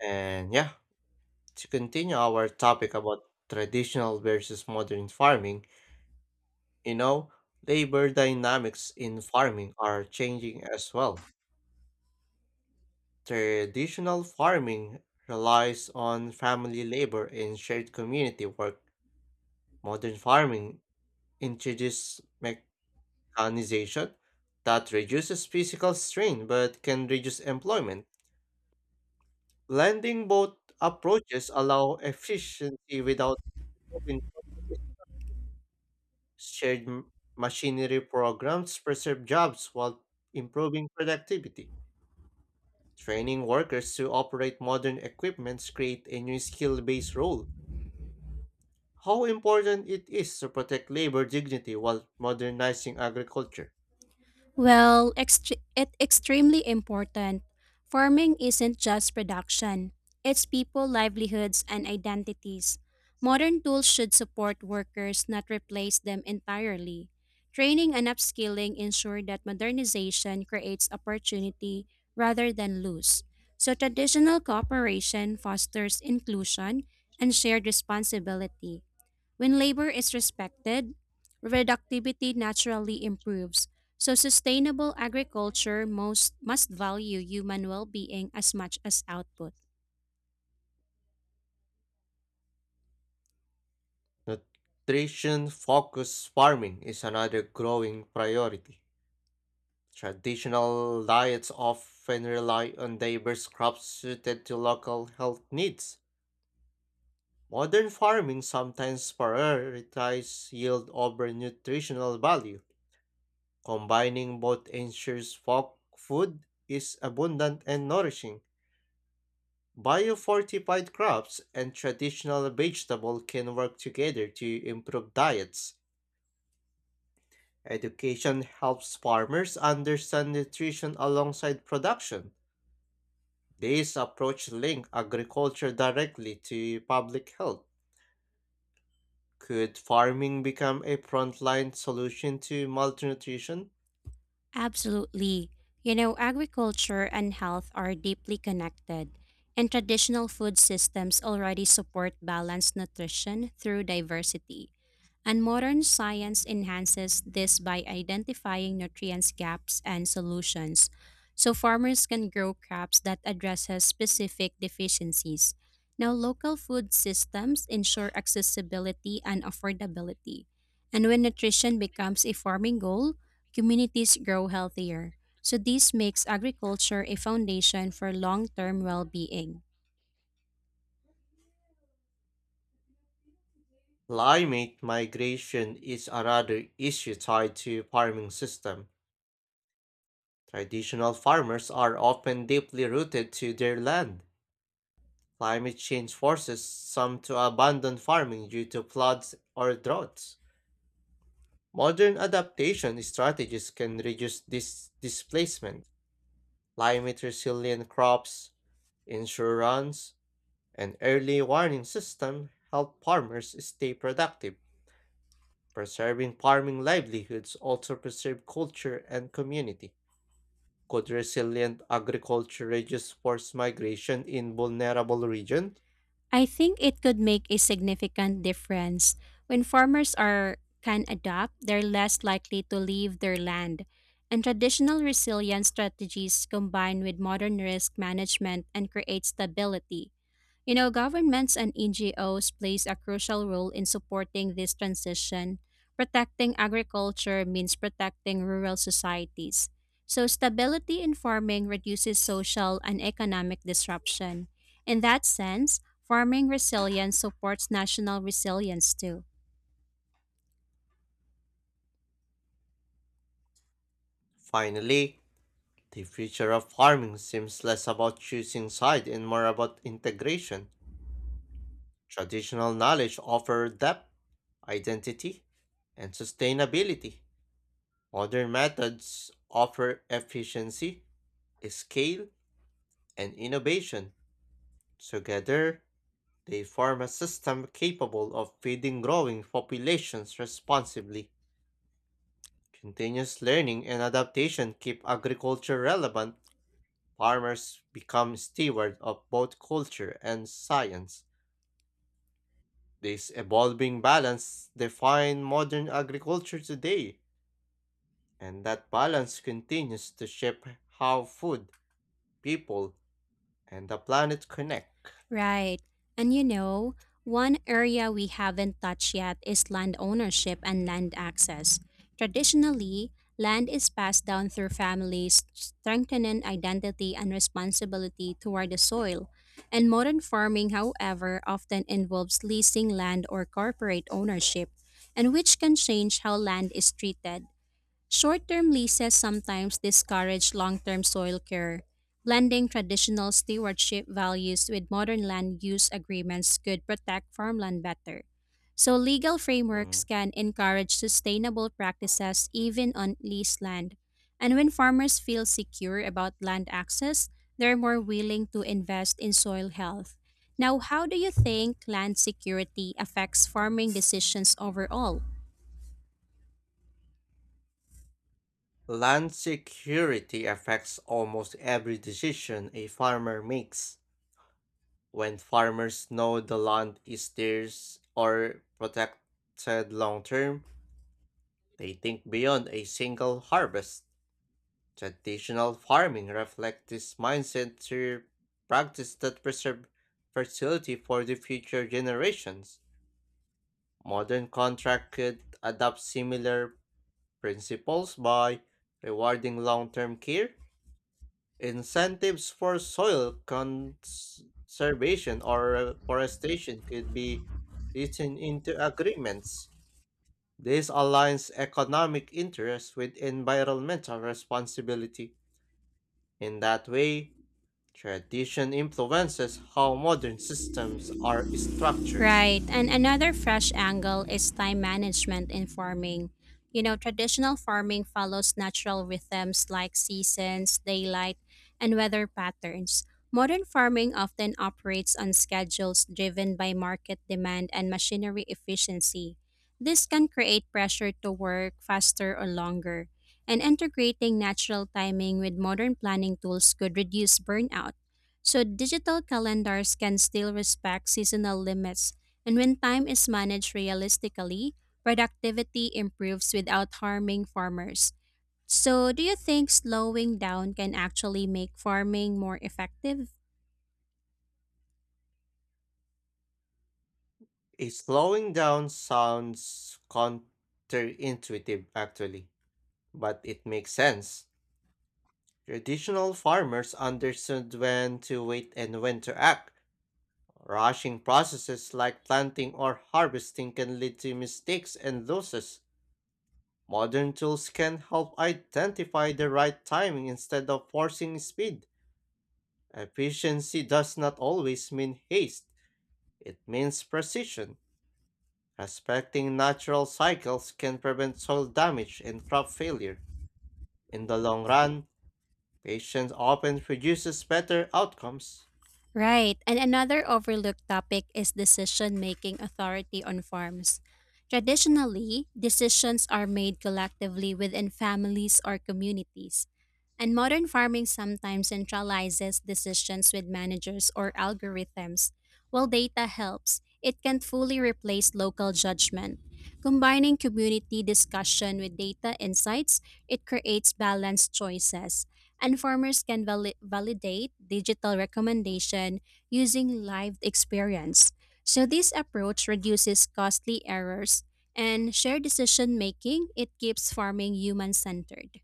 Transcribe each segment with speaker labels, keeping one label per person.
Speaker 1: And yeah, to continue our topic about traditional versus modern farming, you know, labor dynamics in farming are changing as well. Traditional farming relies on family labor and shared community work. Modern farming introduces mechanization that reduces physical strain but can reduce employment. Blending both approaches allow efficiency without moving. Shared m- machinery programs preserve jobs while improving productivity. Training workers to operate modern equipments create a new skill-based role. How important it is to protect labor dignity while modernizing agriculture.
Speaker 2: Well, it's extremely important. Farming isn't just production, it's people, livelihoods, and identities. Modern tools should support workers, not replace them entirely. Training and upskilling ensure that modernization creates opportunity rather than lose. So, traditional cooperation fosters inclusion and shared responsibility. When labor is respected, productivity naturally improves. So sustainable agriculture most must value human well-being as much as output.
Speaker 1: Nutrition-focused farming is another growing priority. Traditional diets often rely on diverse crops suited to local health needs. Modern farming sometimes prioritizes yield over nutritional value. Combining both ensures folk food is abundant and nourishing. Biofortified crops and traditional vegetable can work together to improve diets. Education helps farmers understand nutrition alongside production. This approach links agriculture directly to public health. Could farming become a frontline solution to malnutrition?
Speaker 2: Absolutely. You know, agriculture and health are deeply connected, and traditional food systems already support balanced nutrition through diversity. And modern science enhances this by identifying nutrients gaps and solutions, so farmers can grow crops that addresses specific deficiencies. Now, local food systems ensure accessibility and affordability. And when nutrition becomes a farming goal, communities grow healthier. So, this makes agriculture a foundation for long term well being.
Speaker 1: Climate migration is another issue tied to farming system. Traditional farmers are often deeply rooted to their land. Climate change forces some to abandon farming due to floods or droughts. Modern adaptation strategies can reduce this displacement. Climate resilient crops, insurance, an early warning system helped farmers stay productive, preserving farming livelihoods also preserve culture and community. Could resilient agriculture reduce forced migration in vulnerable regions?
Speaker 2: I think it could make a significant difference. When can adapt, they're less likely to leave their land. And traditional resilience strategies combined with modern risk management and create stability. You know, governments and NGOs plays a crucial role in supporting this transition. Protecting agriculture means protecting rural societies. So stability in farming reduces social and economic disruption. In that sense, farming resilience supports national resilience too.
Speaker 1: Finally, the future of farming seems less about choosing side and more about integration. Traditional knowledge offers depth, identity, and sustainability. Modern methods offer efficiency, scale, and innovation. Together, they form a system capable of feeding growing populations responsibly. Continuous learning and adaptation keep agriculture relevant. Farmers become stewards of both culture and science. This evolving balance defines modern agriculture today, and that balance continues to shape how food, people, and the planet connect.
Speaker 2: Right. And you know, one area we haven't touched yet is land ownership and land access. Traditionally, land is passed down through families, strengthening identity and responsibility toward the soil. And modern farming, however, often involves leasing land or corporate ownership, and which can change how land is treated. Short term leases sometimes discourage long term soil care. Blending traditional stewardship values with modern land use agreements could protect farmland better. So, legal frameworks
Speaker 1: Mm.
Speaker 2: can encourage sustainable practices even on leased land. And when farmers feel secure about land access, they're more willing to invest in soil health. Now, how do you think land security affects farming decisions overall?
Speaker 1: Land security affects almost every decision a farmer makes. When farmers know the land is theirs or protected long term, they think beyond a single harvest. Traditional farming reflects this mindset through practice that preserve fertility for the future generations. Modern contract could adopt similar principles by rewarding long term care. Incentives for soil conservation or forestation could be written into agreements. This aligns economic interests with environmental responsibility. In that way, tradition influences how modern systems are structured.
Speaker 2: Right. And another fresh angle is time management in farming. You know, traditional farming follows natural rhythms like seasons, daylight, and weather patterns. Modern farming often operates on schedules driven by market demand and machinery efficiency. This can create pressure to work faster or longer. And integrating natural timing with modern planning tools could reduce burnout. So digital calendars can still respect seasonal limits, and when time is managed realistically, productivity improves without harming farmers. So, do you think slowing down can actually make farming more effective?
Speaker 1: A slowing down sounds counterintuitive, actually, but it makes sense. Traditional farmers understood when to wait and when to act. Rushing processes like planting or harvesting can lead to mistakes and losses. Modern tools can help identify the right timing instead of forcing speed. Efficiency does not always mean haste, it means precision. Respecting natural cycles can prevent soil damage and crop failure. In the long run, patience often produces better outcomes.
Speaker 2: Right. And another overlooked topic is decision making authority on farms. Traditionally, decisions are made collectively within families or communities. And modern farming sometimes centralizes decisions with managers or algorithms. While data helps, it can not fully replace local judgment. Combining community discussion with data insights, it creates balanced choices and farmers can validate digital recommendation using live experience. So this approach reduces costly errors and shared decision making. It keeps farming human centered.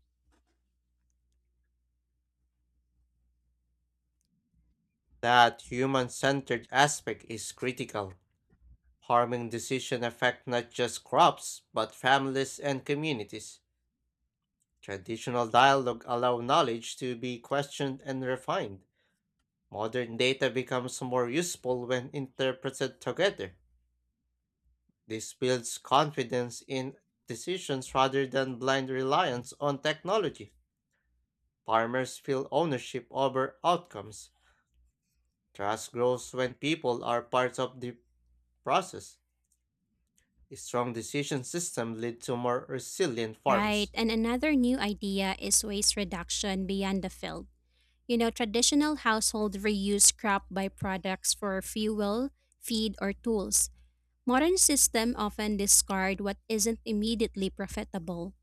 Speaker 1: That human centered aspect is critical. Farming decisions affect not just crops, but families and communities. Traditional dialogue allow knowledge to be questioned and refined. Modern data becomes more useful when interpreted together. This builds confidence in decisions rather than blind reliance on technology. Farmers feel ownership over outcomes. Trust grows when people are part of the process. A strong decision system lead to more resilient
Speaker 2: Right.
Speaker 1: farms.
Speaker 2: And another new idea is waste reduction beyond the field. You know, traditional household reuse crop byproducts for fuel, feed, or tools. Modern systems often discard what isn't immediately profitable.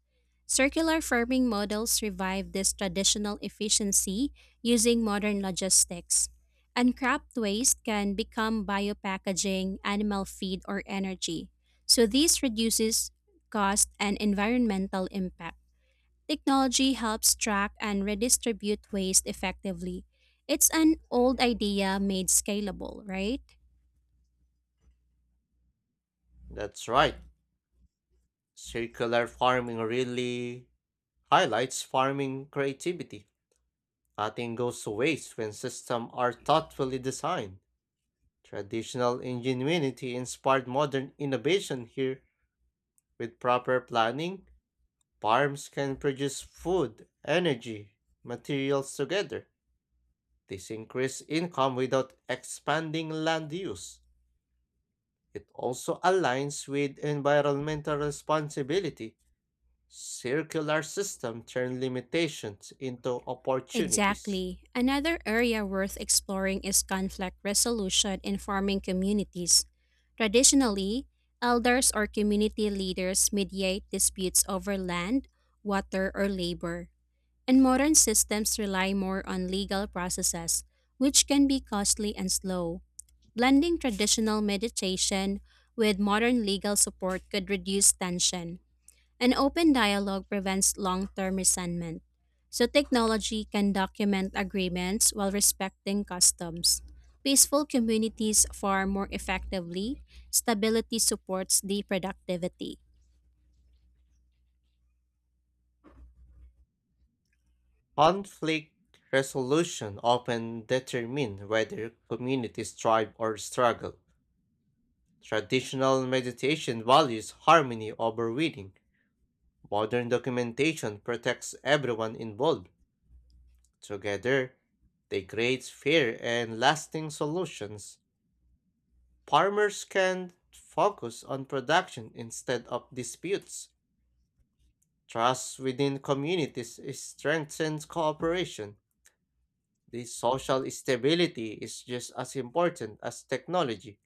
Speaker 2: Circular farming models revive this traditional efficiency using modern logistics. And crop waste can become biopackaging, animal feed, or energy. So this reduces cost and environmental impact. Technology helps track and redistribute waste effectively. It's an old idea made scalable, right?
Speaker 1: That's right. Circular farming really highlights farming creativity. Nothing goes to waste when systems are thoughtfully designed. Traditional ingenuity inspired modern innovation here. With proper planning, farms can produce food, energy, materials together. This increases income without expanding land use. It also aligns with environmental responsibility. Circular system turn limitations into opportunities.
Speaker 2: Exactly. Another area worth exploring is conflict resolution in farming communities. Traditionally, elders or community leaders mediate disputes over land, water, or labor, and modern systems rely more on legal processes, which can be costly and slow. Blending traditional mediation with modern legal support could reduce tension. An open dialogue prevents long term resentment. So, technology can document agreements while respecting customs. Peaceful communities farm more effectively. Stability supports the productivity.
Speaker 1: Conflict resolution often determine whether communities thrive or struggle. Traditional meditation values harmony over winning. Modern documentation protects everyone involved. Together, they create fair and lasting solutions. Farmers can focus on production instead of disputes. Trust within communities strengthens cooperation. The social stability is just as important as technology.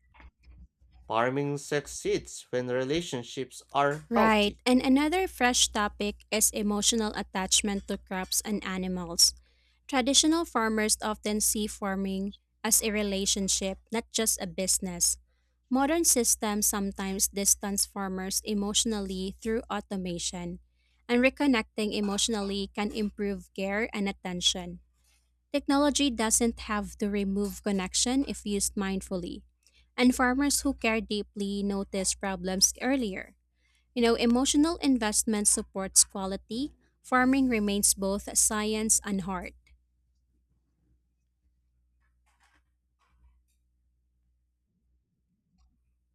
Speaker 1: Farming succeeds when relationships are
Speaker 2: Right.
Speaker 1: healthy.
Speaker 2: And another fresh topic is emotional attachment to crops and animals. Traditional farmers often see farming as a relationship, not just a business. Modern systems sometimes distance farmers emotionally through automation, and reconnecting emotionally can improve care and attention. Technology doesn't have to remove connection if used mindfully, and farmers who care deeply notice problems earlier. You know, emotional investment supports quality. Farming remains both science and art,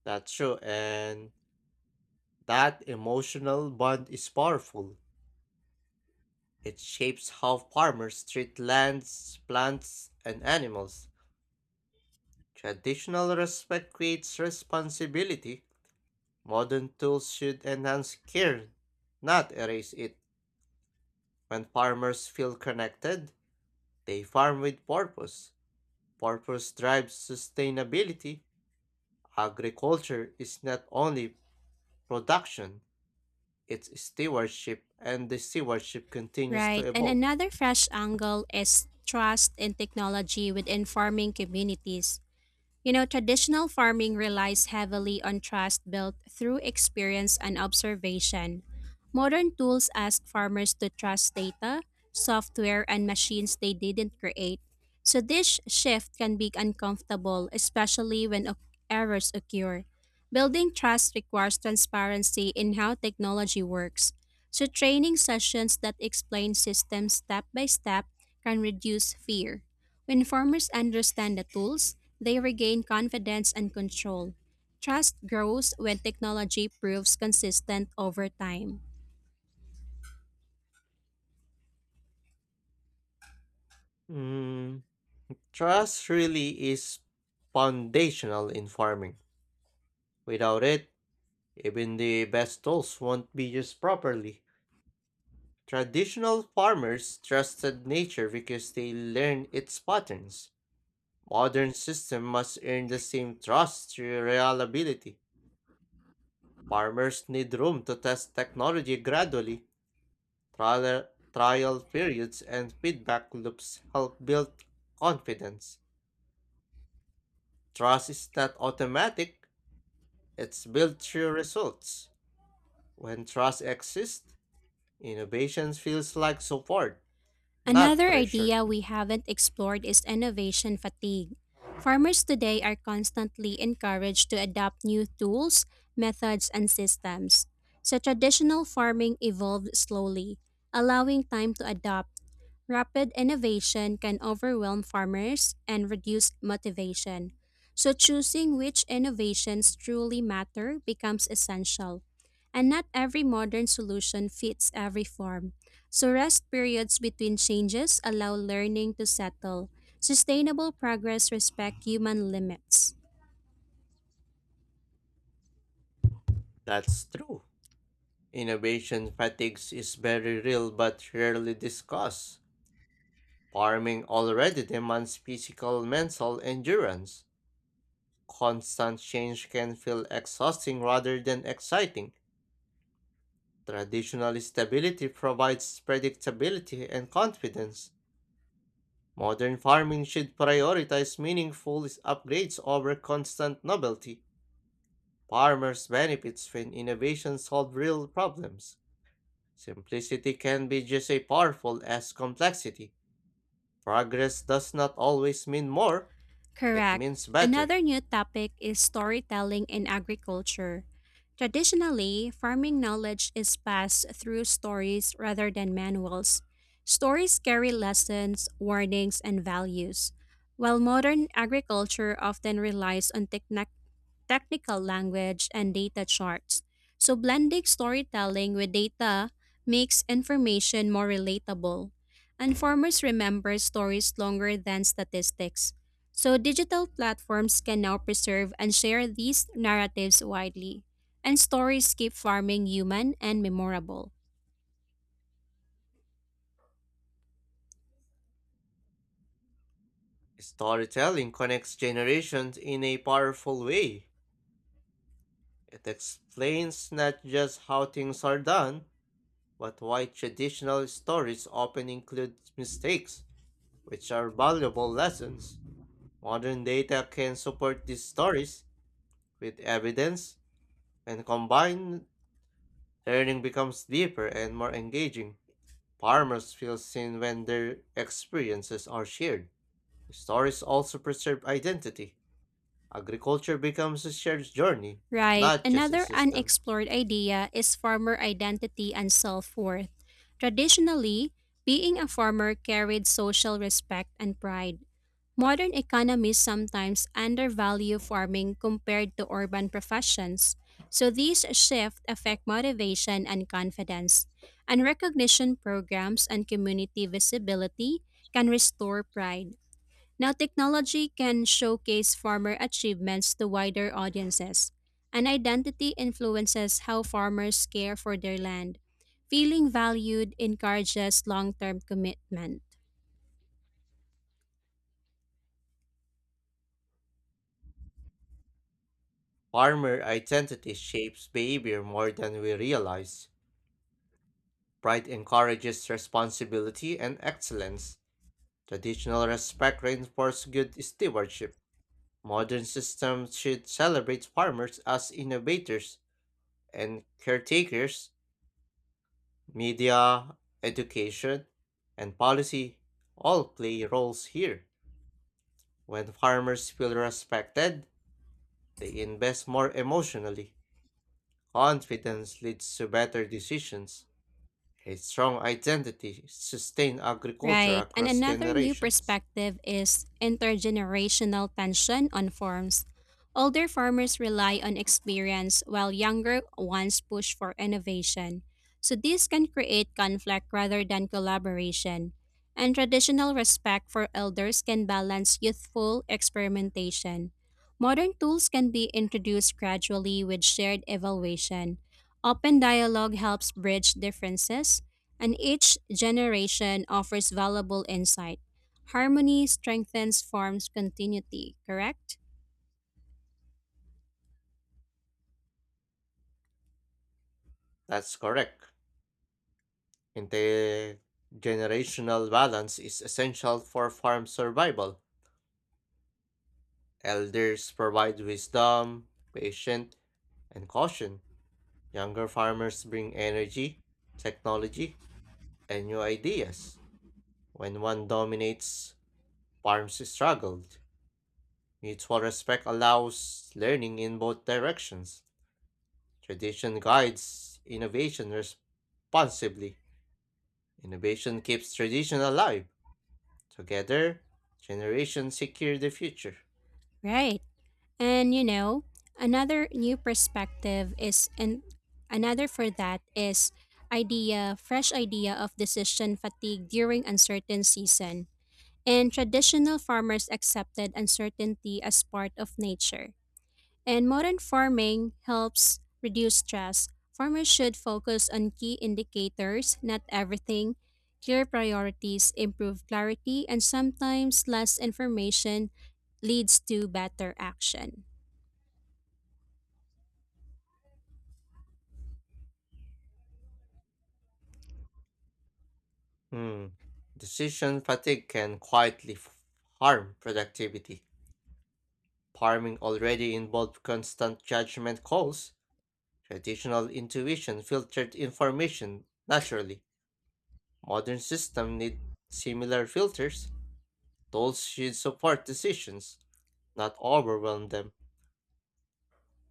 Speaker 1: That's true, and that emotional bond is powerful. It shapes how farmers treat lands, plants, and animals. Traditional respect creates responsibility. Modern tools should enhance care, not erase it. When farmers feel connected, they farm with purpose. Purpose drives sustainability. Agriculture is not only production, it's stewardship, and the stewardship continues
Speaker 2: right?
Speaker 1: to
Speaker 2: And
Speaker 1: evolve.
Speaker 2: another fresh angle is trust in technology within farming communities. You know, traditional farming relies heavily on trust built through experience and observation. Modern tools ask farmers to trust data, software, and machines they didn't create. So, this shift can be uncomfortable, especially when errors occur. Building trust requires transparency in how technology works. So, training sessions that explain systems step by step can reduce fear. When farmers understand the tools, they regain confidence and control. Trust grows when technology proves consistent over time.
Speaker 1: Mm, trust really is foundational in farming. Without it, even the best tools won't be used properly. Traditional farmers trusted nature because they learned its patterns. Modern systems must earn the same trust through reliability. Farmers need room to test technology gradually. Trial, trial periods and feedback loops help build confidence. Trust is not automatic, it's built through results. When trust exists, innovation feels like support, not
Speaker 2: Another
Speaker 1: pressure.
Speaker 2: idea we haven't explored is innovation fatigue. Farmers today are constantly encouraged to adopt new tools, methods, and systems. So traditional farming evolved slowly, allowing time to adapt. Rapid innovation can overwhelm farmers and reduce motivation. So choosing which innovations truly matter becomes essential. And not every modern solution fits every farm. So rest periods between changes allow learning to settle. Sustainable progress respect human limits.
Speaker 1: That's true. Innovation fatigue is very real but rarely discussed. Farming already demands physical mental endurance. Constant change can feel exhausting rather than exciting. Traditional stability provides predictability and confidence. Modern farming should prioritize meaningful upgrades over constant novelty. Farmers benefit when innovations solve real problems. Simplicity can be just as powerful as complexity. Progress does not always mean more, it
Speaker 2: Correct.
Speaker 1: means better.
Speaker 2: Another new topic is storytelling in agriculture. Traditionally, farming knowledge is passed through stories rather than manuals. Stories carry lessons, warnings, and values, while modern agriculture often relies on technical language, and data charts. So, blending storytelling with data makes information more relatable. And farmers remember stories longer than statistics. So, digital platforms can now preserve and share these narratives widely. And stories keep farming human and memorable.
Speaker 1: Storytelling connects generations in a powerful way. It explains not just how things are done, but why traditional stories often include mistakes, which are valuable lessons. Modern data can support these stories with evidence, and combined learning becomes deeper and more engaging. Farmers feel seen when their experiences are shared. Stories also preserve identity. Agriculture becomes a shared journey,
Speaker 2: Right,
Speaker 1: not just a
Speaker 2: another
Speaker 1: system.
Speaker 2: unexplored idea is farmer identity and self worth. Traditionally, being a farmer carried social respect and pride. Modern economies sometimes undervalue farming compared to urban professions, so these shifts affect motivation and confidence. And recognition programs and community visibility can restore pride. Now, technology can showcase farmer achievements to wider audiences, and identity influences how farmers care for their land. Feeling valued encourages long term commitment.
Speaker 1: Farmer identity shapes behavior more than we realize. Pride encourages responsibility and excellence. Traditional respect reinforces good stewardship. Modern systems should celebrate farmers as innovators and caretakers. Media, education, and policy all play roles here. When farmers feel respected, they invest more emotionally. Confidence leads to better decisions. A strong identity sustains agriculture
Speaker 2: Right. And
Speaker 1: across
Speaker 2: another new
Speaker 1: generations.
Speaker 2: perspective is intergenerational tension on farms. Older farmers rely on experience while younger ones push for innovation. So this can create conflict rather than collaboration. And traditional respect for elders can balance youthful experimentation. Modern tools can be introduced gradually with shared evaluation. Open dialogue helps bridge differences and each generation offers valuable insight. Harmony strengthens farm's continuity, correct?
Speaker 1: That's correct. Intergenerational balance is essential for farm survival. Elders provide wisdom, patience, and caution. Younger farmers bring energy, technology, and new ideas. When one dominates, farms struggled. Mutual respect allows learning in both directions. Tradition guides innovation responsibly. Innovation keeps tradition alive. Together, generations secure the future.
Speaker 2: Right. And you know, another new perspective is and another for that is idea, fresh idea of decision fatigue during uncertain season. And traditional farmers accepted uncertainty as part of nature. And modern farming helps reduce stress. Farmers should focus on key indicators, not everything, clear priorities, improve clarity, and sometimes less information leads to better action.
Speaker 1: Hmm. Decision fatigue can quietly harm productivity. Farming already involved constant judgment calls. Traditional intuition filtered information naturally. Modern system need similar filters. Adults should support decisions, not overwhelm them.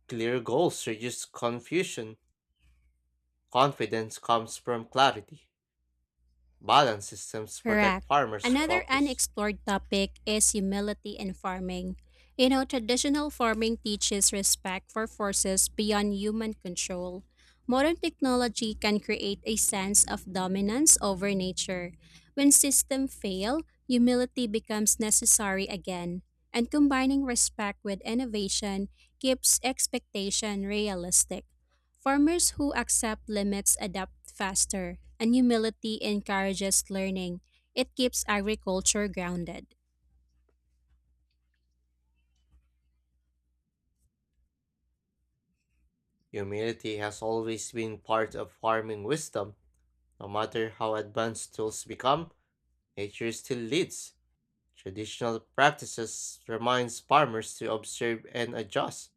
Speaker 1: Clear goals reduce confusion. Confidence comes from clarity. Balanced systems protect
Speaker 2: Correct.
Speaker 1: farmers'
Speaker 2: Another
Speaker 1: focus.
Speaker 2: unexplored topic is humility in farming. You know, traditional farming teaches respect for forces beyond human control. Modern technology can create a sense of dominance over nature. When systems fail, humility becomes necessary again. And combining respect with innovation keeps expectation realistic. Farmers who accept limits adapt faster, and humility encourages learning. It keeps agriculture grounded.
Speaker 1: Humility has always been part of farming wisdom. No matter how advanced tools become, nature still leads. Traditional practices reminds farmers to observe and adjust.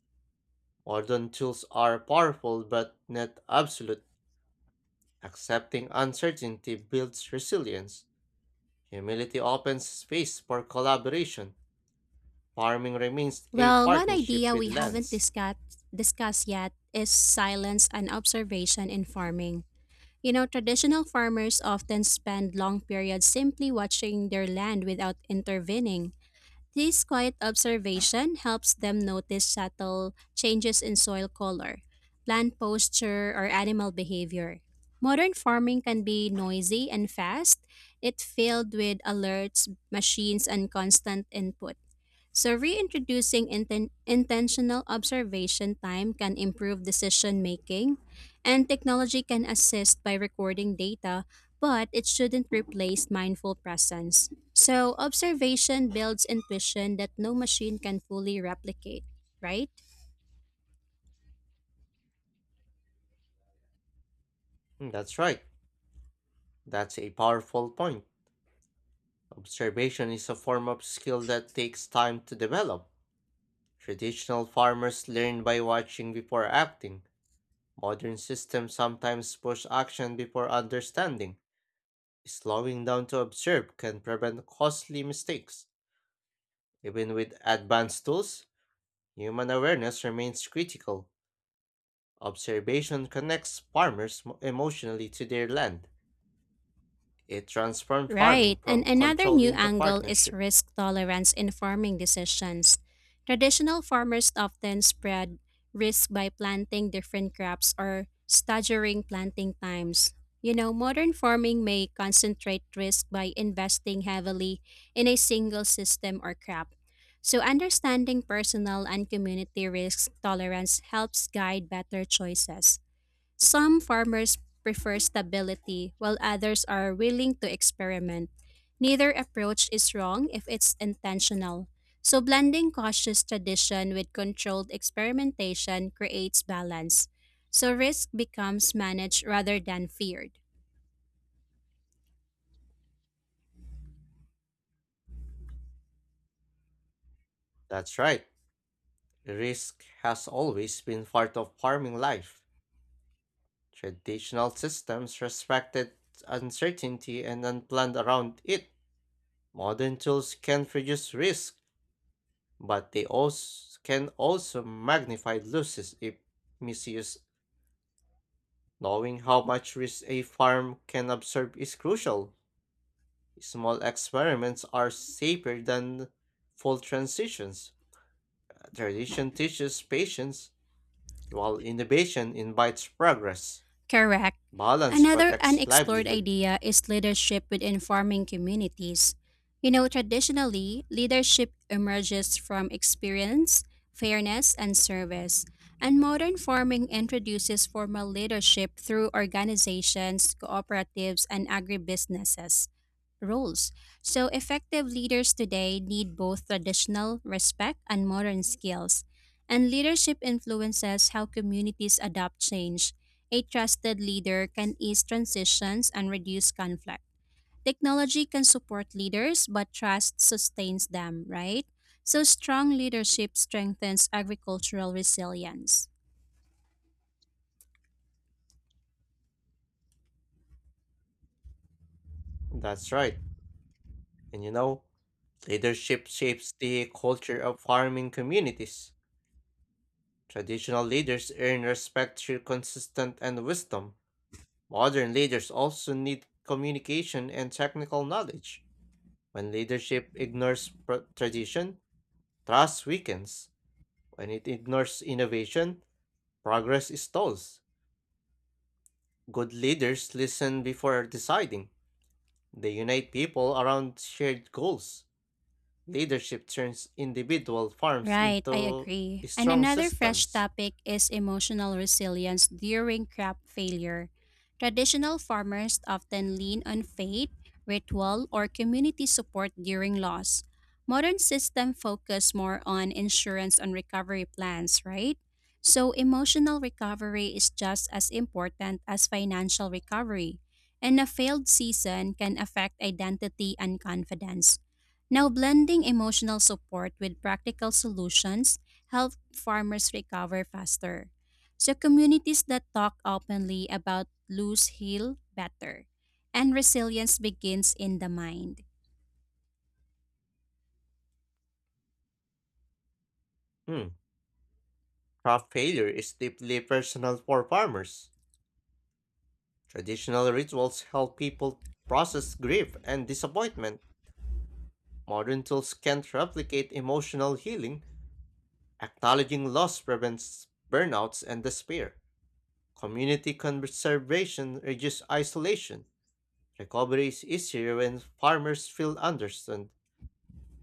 Speaker 1: Modern tools are powerful but not absolute. Accepting uncertainty builds resilience. Humility opens space for collaboration. Farming remains a
Speaker 2: Well, one
Speaker 1: partnership
Speaker 2: idea
Speaker 1: with
Speaker 2: we haven't
Speaker 1: lands.
Speaker 2: discussed yet is silence and observation in farming. You know, traditional farmers often spend long periods simply watching their land without intervening. This quiet observation helps them notice subtle changes in soil color, plant posture, or animal behavior. Modern farming can be noisy and fast, it filled with alerts, machines, and constant input. So, reintroducing intentional observation time can improve decision making, and technology can assist by recording data, but it shouldn't replace mindful presence. So, observation builds intuition that no machine can fully replicate, right?
Speaker 1: Mm, that's right. That's a powerful point. Observation is a form of skill that takes time to develop. Traditional farmers learn by watching before acting. Modern systems sometimes push action before understanding. Slowing down to observe can prevent costly mistakes. Even with advanced tools, human awareness remains critical. Observation connects farmers emotionally to their land. It transforms farming
Speaker 2: Right. And
Speaker 1: from
Speaker 2: another
Speaker 1: control
Speaker 2: new
Speaker 1: into
Speaker 2: angle is
Speaker 1: partnership.
Speaker 2: risk tolerance in farming decisions. Traditional farmers often spread risk by planting different crops or staggering planting times. You know, modern farming may concentrate risk by investing heavily in a single system or crop. So, understanding personal and community risk tolerance helps guide better choices. Some farmers prefer stability, while others are willing to experiment. Neither approach is wrong if it's intentional. So, blending cautious tradition with controlled experimentation creates balance. So, risk becomes managed rather than feared.
Speaker 1: That's right. Risk has always been part of farming life. Traditional systems respected uncertainty and unplanned around it. Modern tools can reduce risk, but they also can also magnify losses if misused. Knowing how much risk a farm can absorb is crucial. Small experiments are safer than full transitions. Tradition teaches patience, while innovation invites progress.
Speaker 2: Correct.
Speaker 1: Balance
Speaker 2: Another
Speaker 1: protects
Speaker 2: unexplored
Speaker 1: livelihood.
Speaker 2: idea is leadership within farming communities. You know, traditionally, leadership emerges from experience, fairness, and service. And modern farming introduces formal leadership through organizations, cooperatives, and agribusinesses roles. So, effective leaders today need both traditional respect and modern skills. And leadership influences how communities adopt change. A trusted leader can ease transitions and reduce conflict. Technology can support leaders, but trust sustains them, right? So, strong leadership strengthens agricultural resilience.
Speaker 1: That's right. And you know, leadership shapes the culture of farming communities. Traditional leaders earn respect through consistent and wisdom. Modern leaders also need communication and technical knowledge. When leadership ignores tradition, trust weakens. When it ignores innovation, progress stalls. Good leaders listen before deciding. They unite people around shared goals. Leadership turns individual farms
Speaker 2: Right, I
Speaker 1: into
Speaker 2: agree. And
Speaker 1: strong
Speaker 2: another fresh
Speaker 1: systems.
Speaker 2: topic is emotional resilience during crop failure. Traditional farmers often lean on faith, ritual, or community support during loss. Modern systems focus more on insurance and recovery plans, right? So emotional recovery is just as important as financial recovery, and a failed season can affect identity and confidence. Now, blending emotional support with practical solutions help farmers recover faster. So, communities that talk openly about lose heal better, and resilience begins in the mind.
Speaker 1: Hmm. Craft failure is deeply personal for farmers. Traditional rituals help people process grief and disappointment. Modern tools can't replicate emotional healing. Acknowledging loss prevents burnouts and despair. Community conservation reduces isolation. Recovery is easier when farmers feel understood.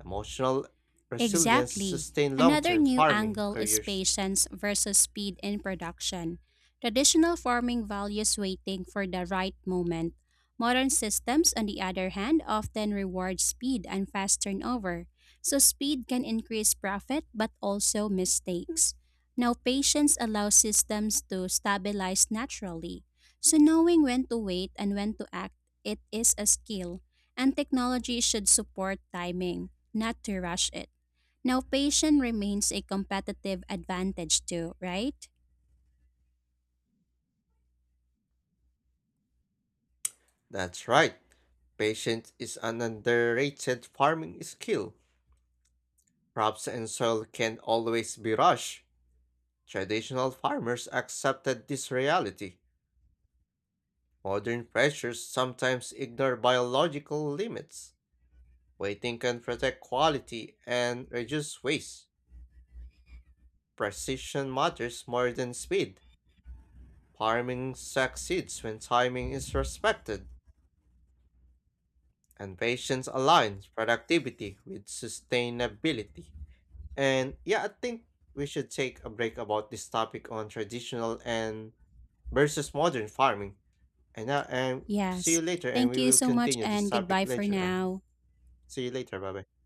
Speaker 1: Emotional resilience
Speaker 2: Exactly.
Speaker 1: sustains
Speaker 2: Another
Speaker 1: long-term
Speaker 2: new
Speaker 1: farming
Speaker 2: angle is
Speaker 1: careers.
Speaker 2: patience versus speed in production. Traditional farming values waiting for the right moment. Modern systems, on the other hand, often reward speed and fast turnover. So, speed can increase profit but also mistakes. Now, patience allows systems to stabilize naturally. So, knowing when to wait and when to act, it is a skill. And technology should support timing, not to rush it. Now, patience remains a competitive advantage too, right?
Speaker 1: That's right. Patience is an underrated farming skill. Crops and soil can always be rushed. Traditional farmers accepted this reality. Modern pressures sometimes ignore biological limits. Waiting can protect quality and reduce waste. Precision matters more than speed. Farming succeeds when timing is respected and patience aligns productivity with sustainability. And yeah, I think we should take a break about this topic on traditional and versus modern farming. And see
Speaker 2: Yes.
Speaker 1: you later, and
Speaker 2: Thank
Speaker 1: we
Speaker 2: you
Speaker 1: will
Speaker 2: so much
Speaker 1: continue this
Speaker 2: and
Speaker 1: topic
Speaker 2: goodbye for
Speaker 1: later. And
Speaker 2: now.
Speaker 1: see you later. Bye bye.